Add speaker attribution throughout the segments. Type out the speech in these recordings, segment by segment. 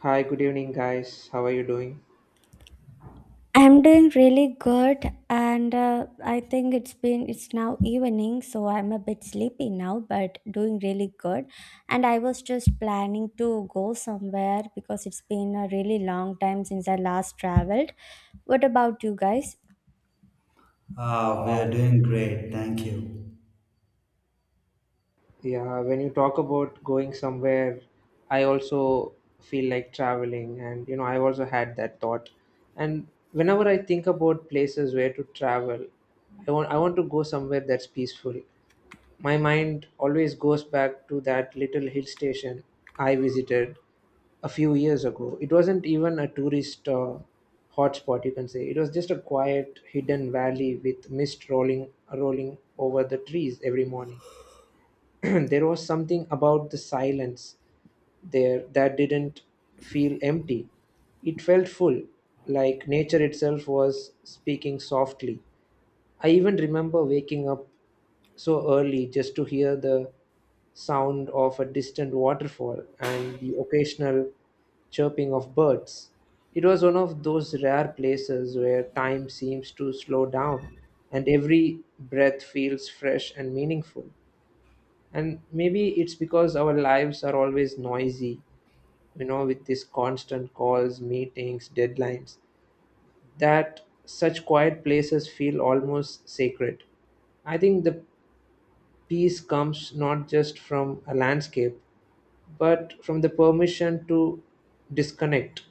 Speaker 1: Hi, good evening, guys. How are you doing?
Speaker 2: I'm doing really good, and I think it's now evening, so I'm a bit sleepy now, but doing really good. And I was just planning to go somewhere because it's been a really long time since I last traveled. What about you guys?
Speaker 3: Ah, we are doing great, thank you.
Speaker 1: Yeah, when you talk about going somewhere, I also feel like traveling, and I've also had that thought. And whenever I think about places where to travel, I want to go somewhere that's peaceful. My mind always goes back to that little hill station I visited a few years ago. It wasn't even a tourist hotspot, you can say. It was just a quiet, hidden valley with mist rolling over the trees every morning. There was something about the silence there that didn't feel empty. It felt full, like nature itself was speaking softly. I even remember waking up so early just to hear the sound of a distant waterfall and the occasional chirping of birds. It was one of those rare places where time seems to slow down and every breath feels fresh and meaningful, and maybe it's because our lives are always noisy, with these constant calls, meetings, deadlines, that such quiet places feel almost sacred. I think the peace comes not just from a landscape, but from the permission to disconnect,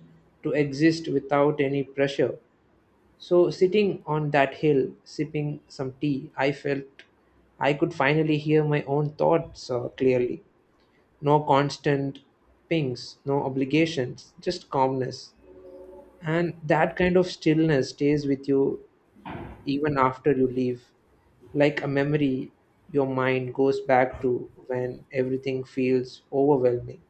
Speaker 1: to exist without any pressure. So sitting on that hill sipping some tea, I felt I could finally hear my own thoughts clearly. No constant pings, no obligations, just calmness. And that kind of stillness stays with you even after you leave. Like a memory, your mind goes back to when everything feels overwhelming.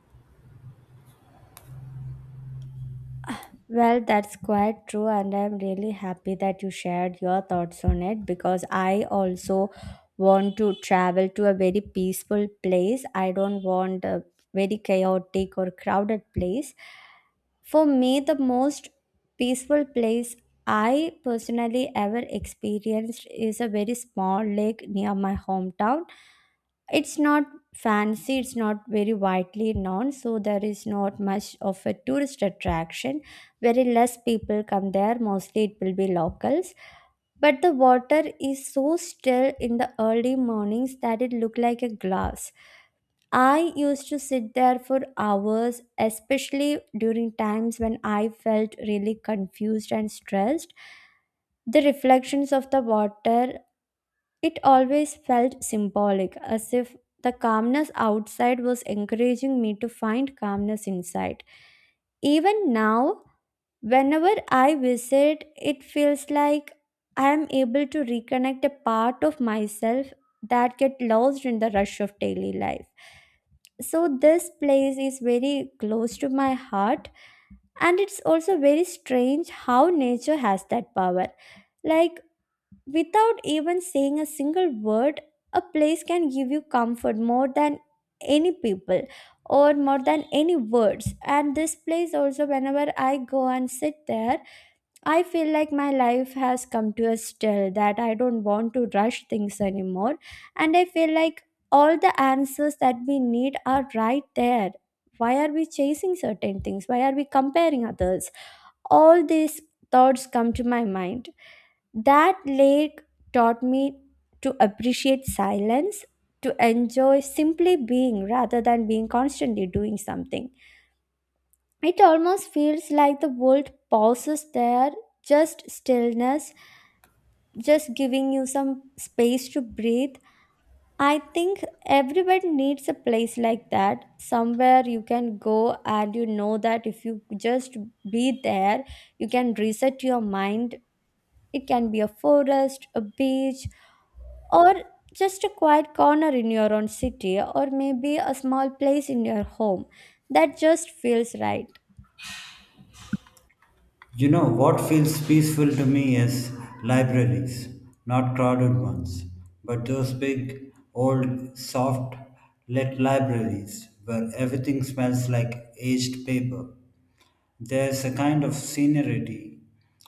Speaker 2: Well, that's quite true, and I'm really happy that you shared your thoughts on it because I also want to travel to a very peaceful place. I don't want a very chaotic or crowded place. For me, the most peaceful place I personally ever experienced is a very small lake near my hometown. It's not fancy, it's not very widely known, so there is not much of a tourist attraction. Very less people come there, mostly it will be locals. But the water is so still in the early mornings that it looked like a glass. I used to sit there for hours, especially during times when I felt really confused and stressed. The reflections of the water, it always felt symbolic, as if the calmness outside was encouraging me to find calmness inside. Even now, whenever I visit, it feels like I am able to reconnect a part of myself that get lost in the rush of daily life. So this place is very close to my heart, and it's also very strange how nature has that power. Like without even saying a single word, a place can give you comfort more than any people or more than any words. And this place also, whenever I go and sit there, I feel like my life has come to a still that I don't want to rush things anymore. And I feel like all the answers that we need are right there. Why are we chasing certain things? Why are we comparing others? All these thoughts come to my mind. That lake taught me to appreciate silence, to enjoy simply being rather than being constantly doing something. It almost feels like the world pauses there, just stillness, just giving you some space to breathe. I think everybody needs a place like that, somewhere you can go and you know that if you just be there, you can reset your mind. It can be a forest, a beach, or just a quiet corner in your own city, or maybe a small place in your home. That just feels right.
Speaker 3: You know, what feels peaceful to me is libraries, not crowded ones, but those big, old, soft lit libraries where everything smells like aged paper. There's a kind of seniority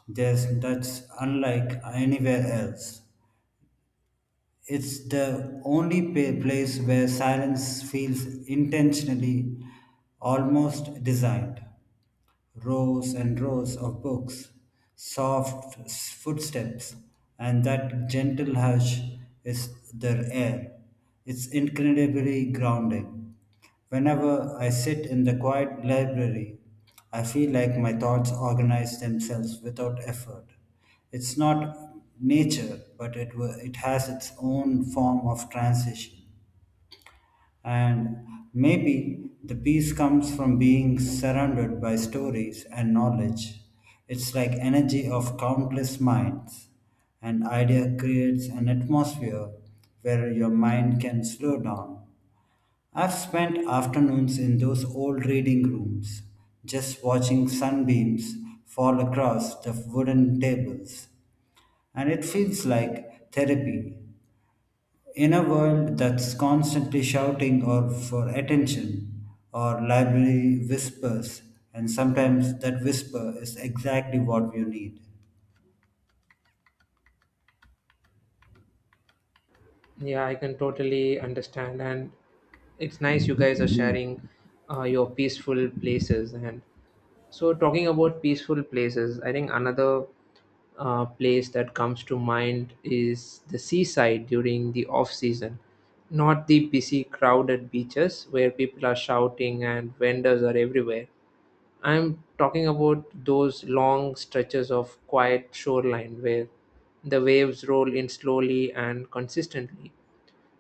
Speaker 3: that's unlike anywhere else. It's the only place where silence feels intentionally almost designed. Rows and rows of books, soft footsteps, and that gentle hush is their air. It's incredibly grounding. Whenever I sit in the quiet library, I feel like my thoughts organize themselves without effort. It's not nature, but it has its own form of transition. And maybe the peace comes from being surrounded by stories and knowledge. It's like energy of countless minds. An idea creates an atmosphere where your mind can slow down. I've spent afternoons in those old reading rooms, just watching sunbeams fall across the wooden tables, and it feels like therapy in a world that's constantly shouting or for attention, our library whispers, and sometimes that whisper is exactly what you need.
Speaker 1: Yeah, I can totally understand. And it's nice you guys are sharing your peaceful places. And so, talking about peaceful places, I think another place that comes to mind is the seaside during the off season, not the busy, crowded beaches where people are shouting and vendors are everywhere. I'm talking about those long stretches of quiet shoreline where the waves roll in slowly and consistently.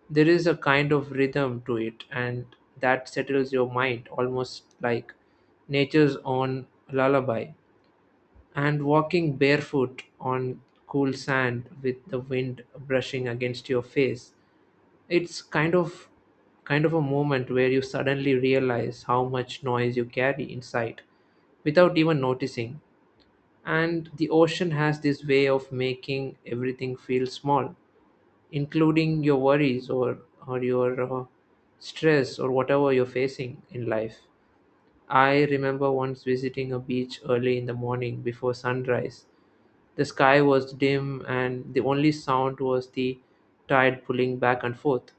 Speaker 1: There is a kind of rhythm to it, and that settles your mind almost like nature's own lullaby. And walking barefoot on cool sand with the wind brushing against your face, it's kind of a moment where you suddenly realize how much noise you carry inside without even noticing. And the ocean has this way of making everything feel small, including your worries, or your stress or whatever you're facing in life. I remember once visiting a beach early in the morning before sunrise. The sky was dim, and the only sound was the tide pulling back and forth.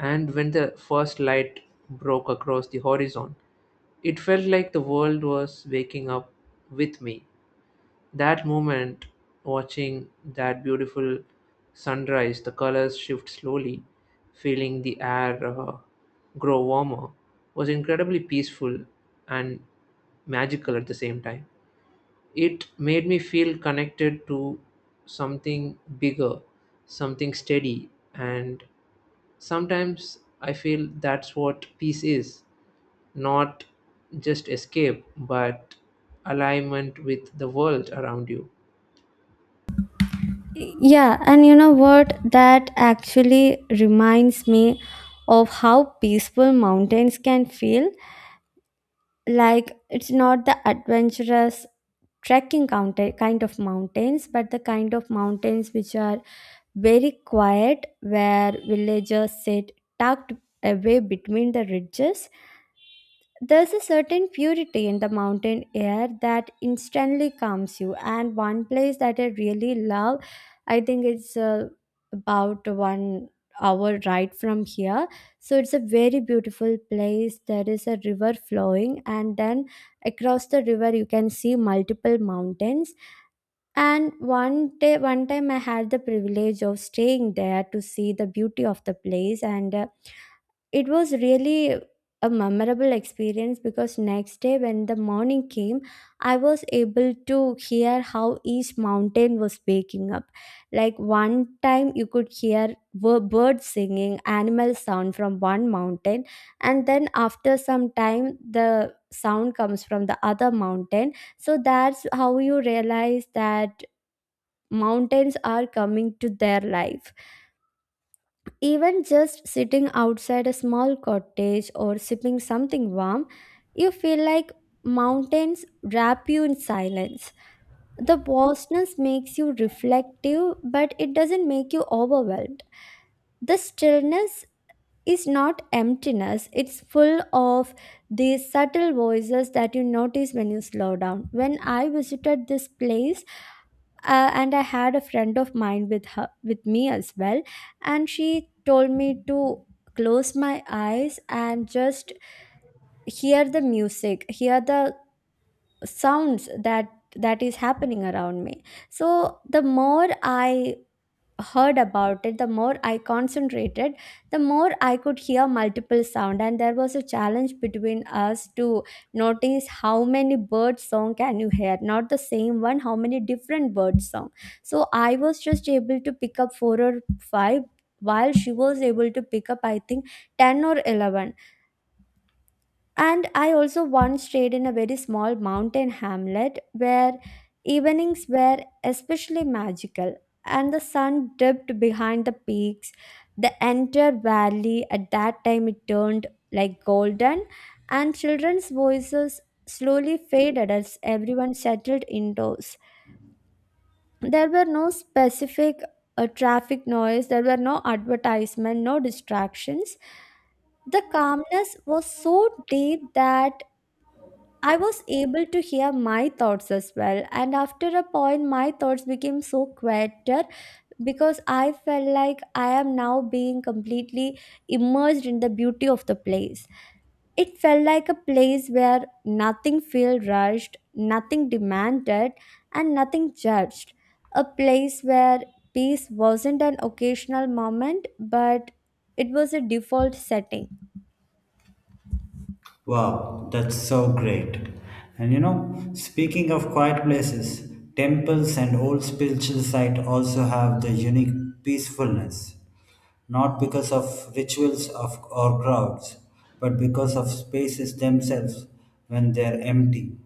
Speaker 1: And when the first light broke across the horizon, it felt like the world was waking up with me. That moment, watching that beautiful sunrise, the colors shift slowly, feeling the air grow warmer, was incredibly peaceful and magical at the same time. It made me feel connected to something bigger, something steady, and sometimes I feel that's what peace is: not just escape, but alignment with the world around you.
Speaker 2: Yeah, and you know what? That actually reminds me of how peaceful mountains can feel. Like it's not the adventurous trekking counter kind of mountains, but the kind of mountains which are very quiet, where villagers sit tucked away between the ridges. There's a certain purity in the mountain air that instantly calms you. And one place that I really love, I think it's about 1 hour ride from here. So it's a very beautiful place. There is a river flowing, and then across the river, you can see multiple mountains. And one day, one time, I had the privilege of staying there to see the beauty of the place, and it was really a memorable experience because next day, when the morning came, I was able to hear how each mountain was waking up. Like one time, you could hear birds singing, animal sound from one mountain, and then after some time, the sound comes from the other mountain. So that's how you realize that mountains are coming to their life. Even just sitting outside a small cottage or sipping something warm, you feel like mountains wrap you in silence. The vastness makes you reflective, but it doesn't make you overwhelmed. The stillness is not emptiness, it's full of these subtle voices that you notice when you slow down. When I visited this place, and I had a friend of mine with me as well, and she told me to close my eyes and just hear the music, hear the sounds that is happening around me. So the more I heard about it, the more I concentrated, the more I could hear multiple sound. And there was a challenge between us to notice how many bird song can you hear, not the same one, how many different bird song. So I was just able to pick up four or five, while she was able to pick up, I think, 10 or 11. And I also once stayed in a very small mountain hamlet where evenings were especially magical, and the sun dipped behind the peaks. The entire valley at that time it turned like golden, and children's voices slowly faded as everyone settled indoors. There were no specific traffic noise, there were no advertisement, no distractions. The calmness was so deep that I was able to hear my thoughts as well. And after a point, my thoughts became so quieter because I felt like I am now being completely immersed in the beauty of the place. It felt like a place where nothing felt rushed, nothing demanded, and nothing judged. A place where peace wasn't an occasional moment, but it was a default setting.
Speaker 3: Wow, that's so great. And you know, speaking of quiet places, temples and old spiritual sites also have their unique peacefulness, not because of rituals of, or crowds, but because of spaces themselves when they are empty.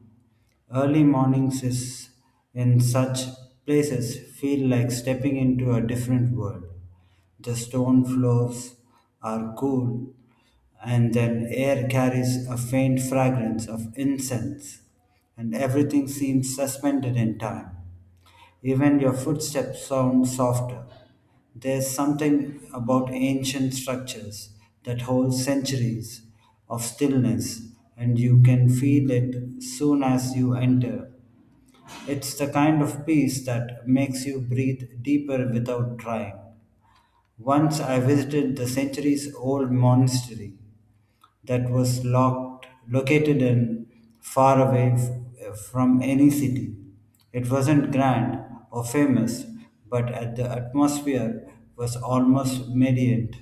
Speaker 3: Early mornings is in such places feel like stepping into a different world. The stone floors are cool, and then air carries a faint fragrance of incense, and everything seems suspended in time. Even your footsteps sound softer. There's something about ancient structures that hold centuries of stillness, and you can feel it soon as you enter. It's the kind of peace that makes you breathe deeper without trying. Once I visited the centuries old monastery that was located and far away from any city. It wasn't grand or famous, but at the atmosphere was almost medient,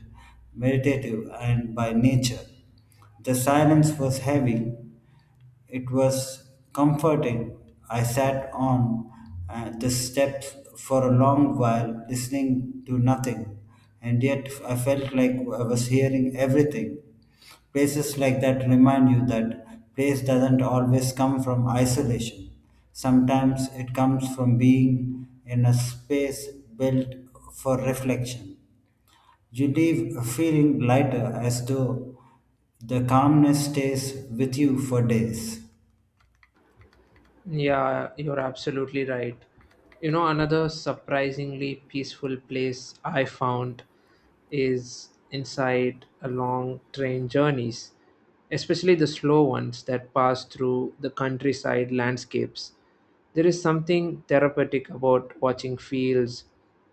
Speaker 3: meditative, and by nature. The silence was heavy, it was comforting. I sat on the steps for a long while, listening to nothing, and yet I felt like I was hearing everything. Places like that remind you that place doesn't always come from isolation. Sometimes it comes from being in a space built for reflection. You leave feeling lighter as though the calmness stays with you for days.
Speaker 1: Yeah, you're absolutely right. You know, another surprisingly peaceful place I found is inside a long train journeys, especially the slow ones that pass through the countryside landscapes. There is something therapeutic about watching fields,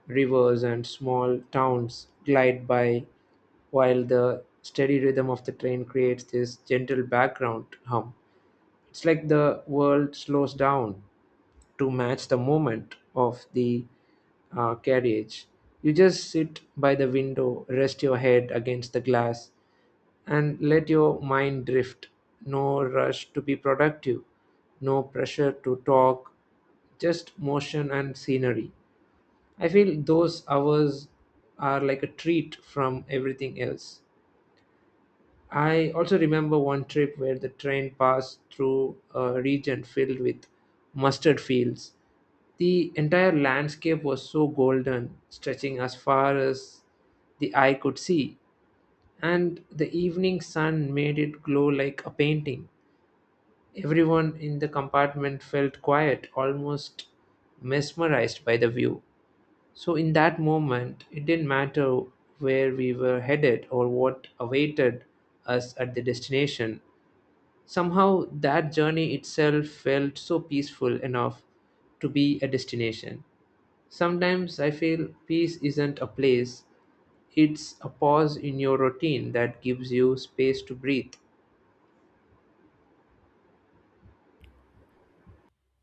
Speaker 1: rivers, and small towns glide by while the steady rhythm of the train creates this gentle background hum. It's like the world slows down to match the moment of the carriage. You just sit by the window, rest your head against the glass, and let your mind drift. No rush to be productive, no pressure to talk, just motion and scenery. I feel those hours are like a treat from everything else. I also remember one trip where the train passed through a region filled with mustard fields. The entire landscape was so golden, stretching as far as the eye could see, and the evening sun made it glow like a painting. Everyone in the compartment felt quiet, almost mesmerized by the view. So, in that moment, it didn't matter where we were headed or what awaited us at the destination. Somehow, that journey itself felt so peaceful enough to be a destination. Sometimes I feel peace isn't a place, it's a pause in your routine that gives you space to breathe.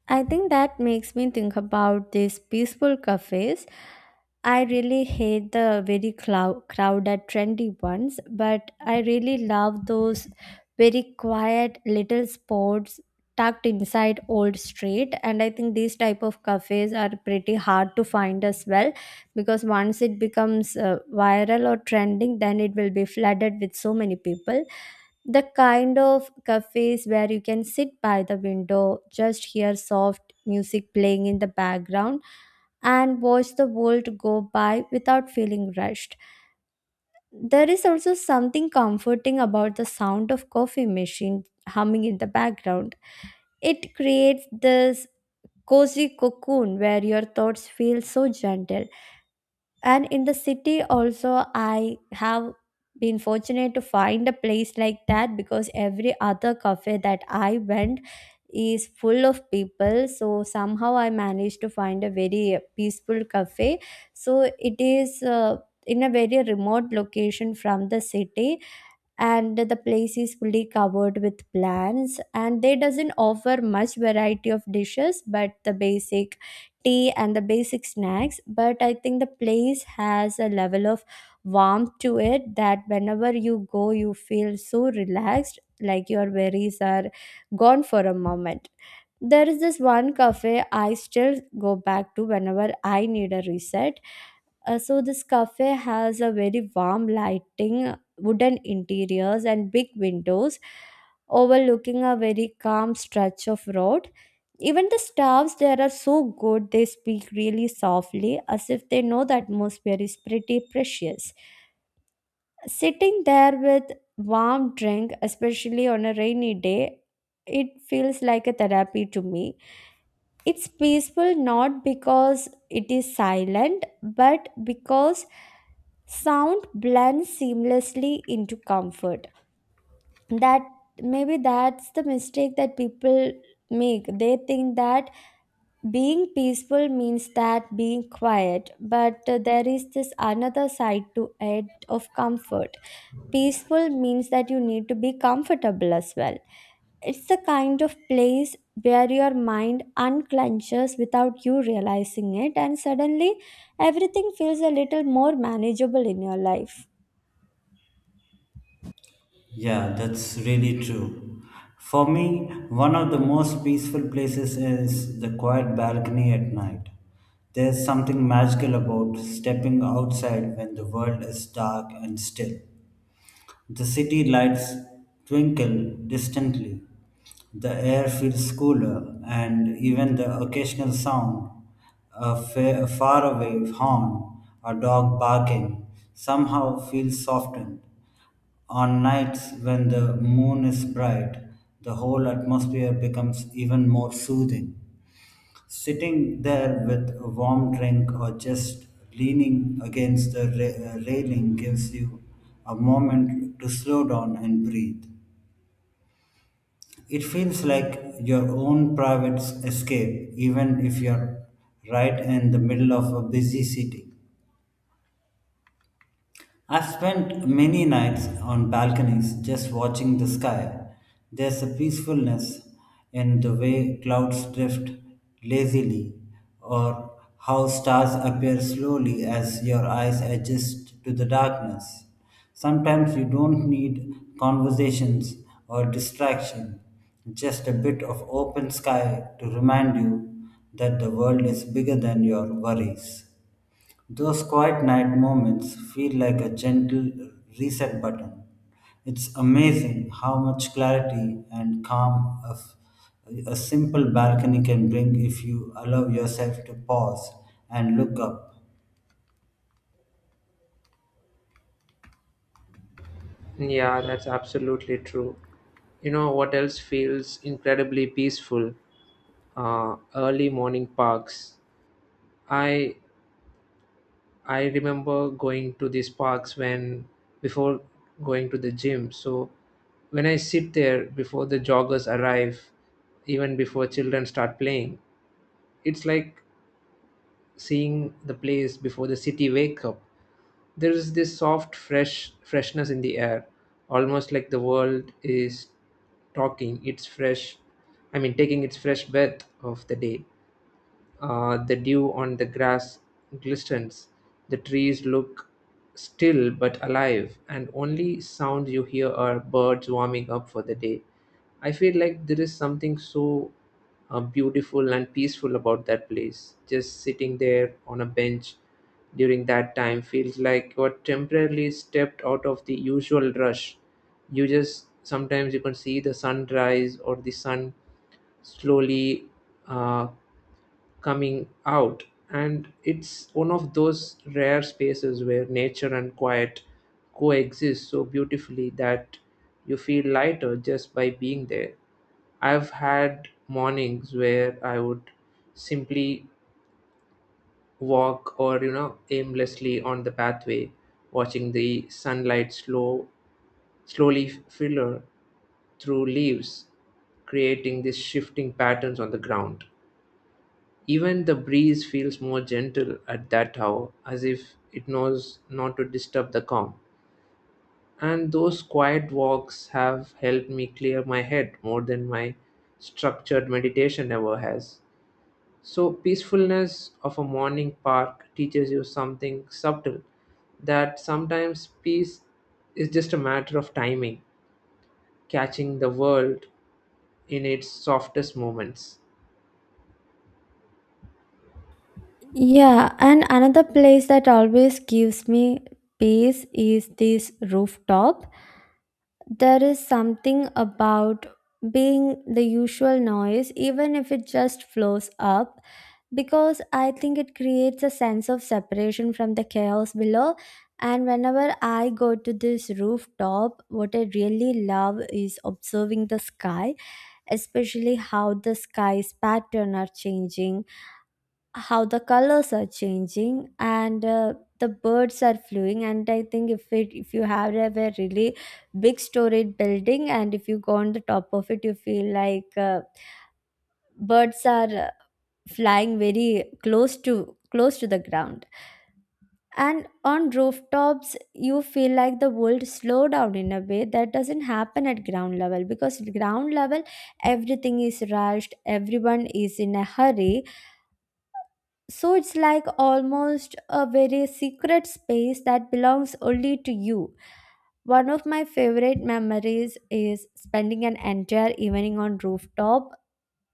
Speaker 2: I think that makes me think about these peaceful cafes. I really hate the very crowded, trendy ones, but I really love those very quiet little spots tucked inside old street. And I think these type of cafes are pretty hard to find as well, because once it becomes viral or trending then it will be flooded with so many people. The kind of cafes where you can sit by the window, just hear soft music playing in the background, and watch the world go by without feeling rushed. There is also something comforting about the sound of coffee machine humming in the background. It creates this cozy cocoon where your thoughts feel so gentle. And in the city also, I have been fortunate to find a place like that, because every other cafe that I went is full of people. So somehow I managed to find a very peaceful cafe. So it is in a very remote location from the city, and the place is fully covered with plants, and they doesn't offer much variety of dishes but the basic tea and the basic snacks. But I think the place has a level of warmth to it that whenever you go you feel so relaxed, like your worries are gone for a moment. There is this one cafe I still go back to whenever I need a reset. So this cafe has a very warm lighting, wooden interiors, and big windows overlooking a very calm stretch of road. Even the staffs there are so good, they speak really softly as if they know the atmosphere is pretty precious. Sitting there with warm drink, especially on a rainy day, it feels like a therapy to me. It's peaceful not because it is silent, but because sound blends seamlessly into comfort. That maybe that's the mistake that people make. They think that being peaceful means that being quiet, but there is this another side to it of comfort. Peaceful means that you need to be comfortable as well. It's the kind of place where your mind unclenches without you realizing it, and suddenly everything feels a little more manageable in your life.
Speaker 3: Yeah, that's really true. For me, one of the most peaceful places is the quiet balcony at night. There's something magical about stepping outside when the world is dark and still. The city lights twinkle distantly. The air feels cooler, and even the occasional sound, a faraway horn, a dog barking, somehow feels softened. On nights when the moon is bright, the whole atmosphere becomes even more soothing. Sitting there with a warm drink or just leaning against the railing gives you a moment to slow down and breathe. It feels like your own private escape, even if you're right in the middle of a busy city. I've spent many nights on balconies just watching the sky. There's a peacefulness in the way clouds drift lazily or how stars appear slowly as your eyes adjust to the darkness. Sometimes you don't need conversations or distraction, just a bit of open sky to remind you that the world is bigger than your worries. Those quiet night moments feel like a gentle reset button. It's amazing how much clarity and calm a simple balcony can bring if you allow yourself to pause and look up.
Speaker 1: Yeah, that's absolutely true. You know what else feels incredibly peaceful? Early morning parks. I I remember going to these parks when before going to the gym. So when I sit there before the joggers arrive, even before children start playing, it's like seeing the place before the city wake up. There is this soft freshness in the air, almost like the world is talking its fresh I mean taking its fresh breath of the day. The dew on the grass glistens. The trees look still but alive, and only sounds you hear are birds warming up for the day. I feel like there is something so beautiful and peaceful about that place. Just sitting there on a bench during that time feels like you are temporarily stepped out of the usual rush. You just sometimes you can see the sunrise or the sun slowly uh, coming out, and it's one of those rare spaces where nature and quiet coexist so beautifully that you feel lighter just by being there. I've had mornings where I would simply walk, or aimlessly on the pathway, watching the sunlight slowly filter through leaves, creating these shifting patterns on the ground. Even the breeze feels more gentle at that hour, as if it knows not to disturb the calm. And those quiet walks have helped me clear my head more than my structured meditation ever has. So, peacefulness of a morning park teaches you something subtle, that sometimes peace is just a matter of timing, catching the world in its softest moments.
Speaker 2: Yeah, and another place that always gives me peace is this rooftop. There is something about being the usual noise, even if it just flows up, because I think it creates a sense of separation from the chaos below. And whenever I go to this rooftop, what I really love is observing the sky, especially how the sky's pattern are changing, how the colors are changing, and the birds are flying. And I think if you have a very really big storied building, and if you go on the top of it, you feel like birds are flying very close to the ground. And on rooftops you feel like the world slow down in a way that doesn't happen at ground level, because at ground level everything is rushed, everyone is in a hurry. So it's like almost a very secret space that belongs only to you. One of my favorite memories is spending an entire evening on rooftop.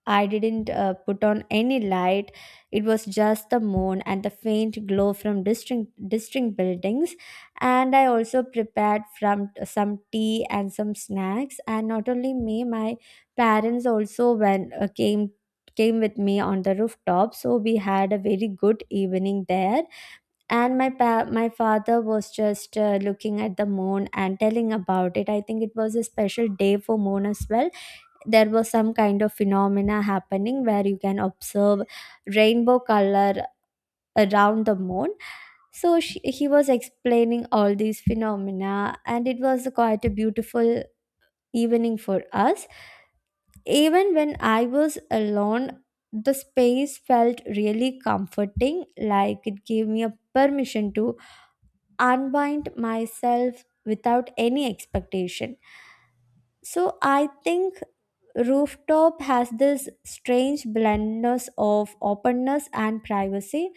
Speaker 2: I didn't put on any light. It was just the moon and the faint glow from distinct buildings. And I also prepared from some tea and some snacks. And not only me, my parents also when came with me on the rooftop. So we had a very good evening there. And my father was just looking at the moon and telling about it. I think it was a special day for moon as well. There was some kind of phenomena happening where you can observe rainbow color around the moon. So he was explaining all these phenomena, and it was quite a beautiful evening for us. Even when I was alone, the space felt really comforting, like it gave me a permission to unbind myself without any expectation. So I think rooftop has this strange blendness of openness and privacy,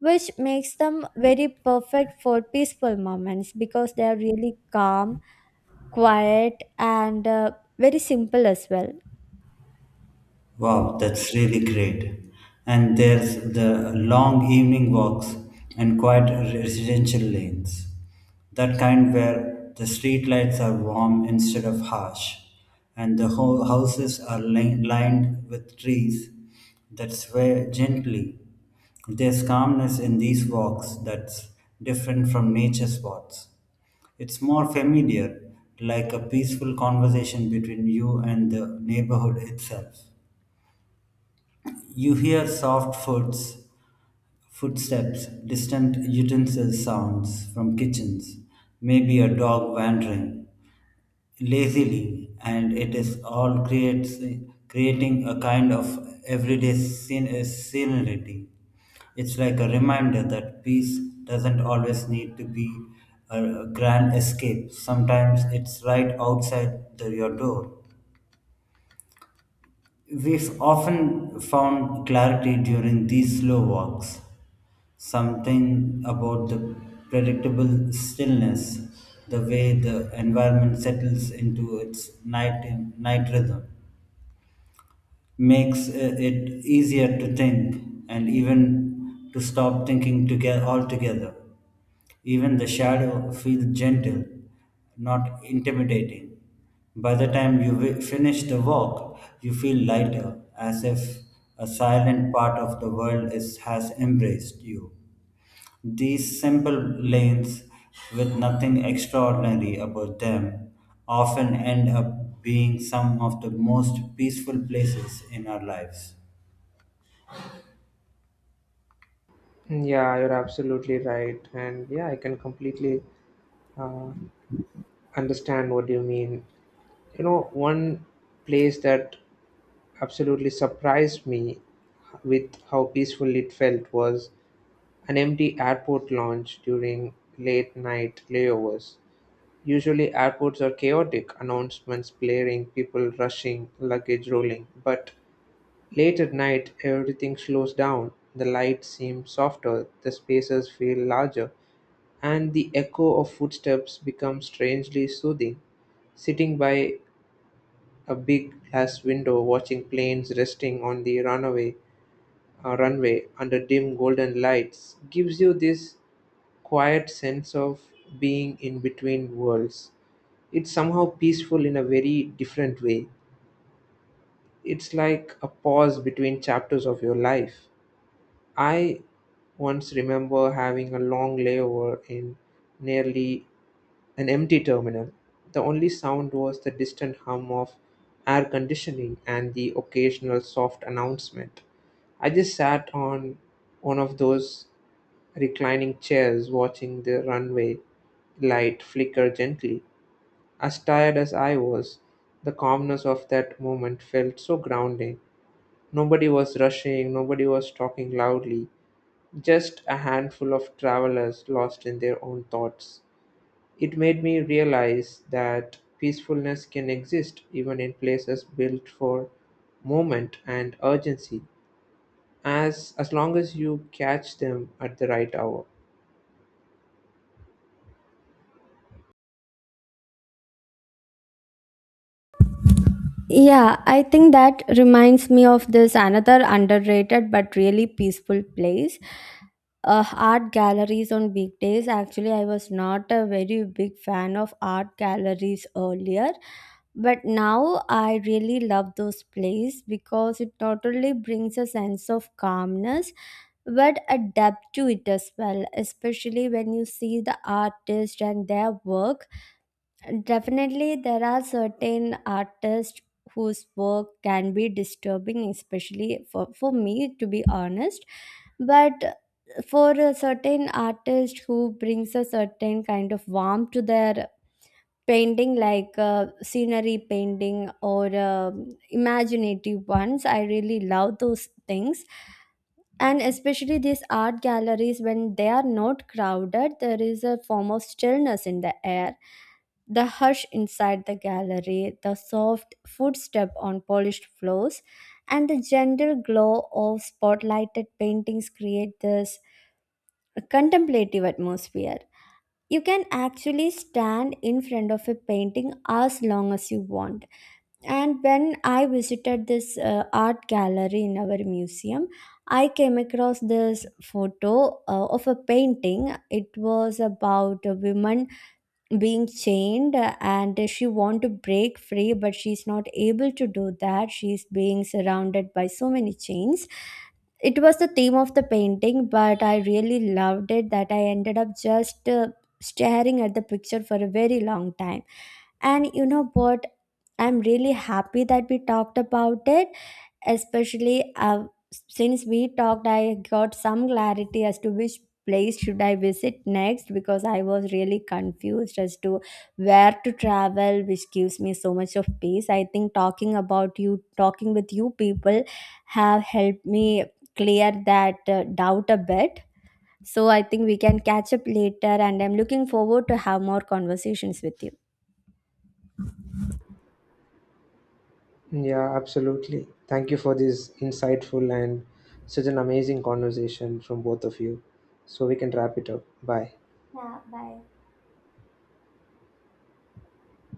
Speaker 2: which makes them very perfect for peaceful moments because they are really calm, quiet, and very simple as well.
Speaker 3: Wow, that's really great. And there's the long evening walks and quiet residential lanes. That kind where the streetlights are warm instead of harsh, and the whole houses are lined with trees that sway gently. There's calmness in these walks that's different from nature spots. It's more familiar, like a peaceful conversation between you and the neighborhood itself. You hear soft footsteps, distant utensil sounds from kitchens, maybe a dog wandering lazily, and it is all creates creating a kind of everyday scenery. It's like a reminder that peace doesn't always need to be a grand escape. Sometimes it's right outside your door. We've often found clarity during these slow walks, something about the predictable stillness, the way the environment settles into its night rhythm makes it easier to think and even to stop thinking together altogether. Even the shadow feels gentle, not intimidating. By the time you finish the walk, you feel lighter, as if a silent part of the world has embraced you. These simple lanes, with nothing extraordinary about them, often end up being some of the most peaceful places in our lives.
Speaker 1: Yeah, you're absolutely right. And yeah, I can completely uh, understand what you mean. You know, one place that absolutely surprised me with how peaceful it felt was an empty airport lounge during late night layovers. Usually, airports are chaotic, announcements blaring, people rushing, luggage rolling. But late at night, everything slows down. The lights seem softer, the spaces feel larger, and the echo of footsteps becomes strangely soothing. Sitting by a big glass window watching planes resting on the runway under dim golden lights gives you this quiet sense of being in between worlds. It's somehow peaceful in a very different way. It's like a pause between chapters of your life. I once remember having a long layover in nearly an empty terminal. The only sound was the distant hum of air conditioning and the occasional soft announcement. I just sat on one of those reclining chairs watching the runway light flicker gently. As tired as I was, the calmness of that moment felt so grounding. Nobody was rushing, nobody was talking loudly, just a handful of travelers lost in their own thoughts. It made me realize that peacefulness can exist even in places built for movement and urgency, as long as you catch them at the right hour.
Speaker 2: Yeah, I think that reminds me of this another underrated but really peaceful place, art galleries on big days. Actually, I was not a very big fan of art galleries earlier, but now I really love those plays because it not only brings a sense of calmness but a depth to it as well, especially when you see the artist and their work. Definitely, there are certain artists whose work can be disturbing, especially for me, to be honest. But for a certain artist who brings a certain kind of warmth to their painting, like scenery painting or imaginative ones, I really love those things. And especially these art galleries, when they are not crowded, there is a form of stillness in the air. The hush inside the gallery, the soft footstep on polished floors, and the gentle glow of spotlighted paintings create this a contemplative atmosphere. You can actually stand in front of a painting as long as you want. And when I visited this art gallery in our museum, I came across this photo of a painting. It was about a woman being chained, and she want to break free but she's not able to do that. She's being surrounded by so many chains. It was the theme of the painting, but I really loved it that I ended up just staring at the picture for a very long time. And you know what, I'm really happy that we talked about it. Especially since we talked, I got some clarity as to which place should I visit next, because I was really confused as to where to travel which gives me so much of peace. I think talking with you people have helped me clear that doubt a bit. So I think we can catch up later, and I'm looking forward to have more conversations with you.
Speaker 1: Yeah, absolutely. Thank you for this insightful and such an amazing conversation from both of you. So we can wrap it up. Bye.
Speaker 2: Bye.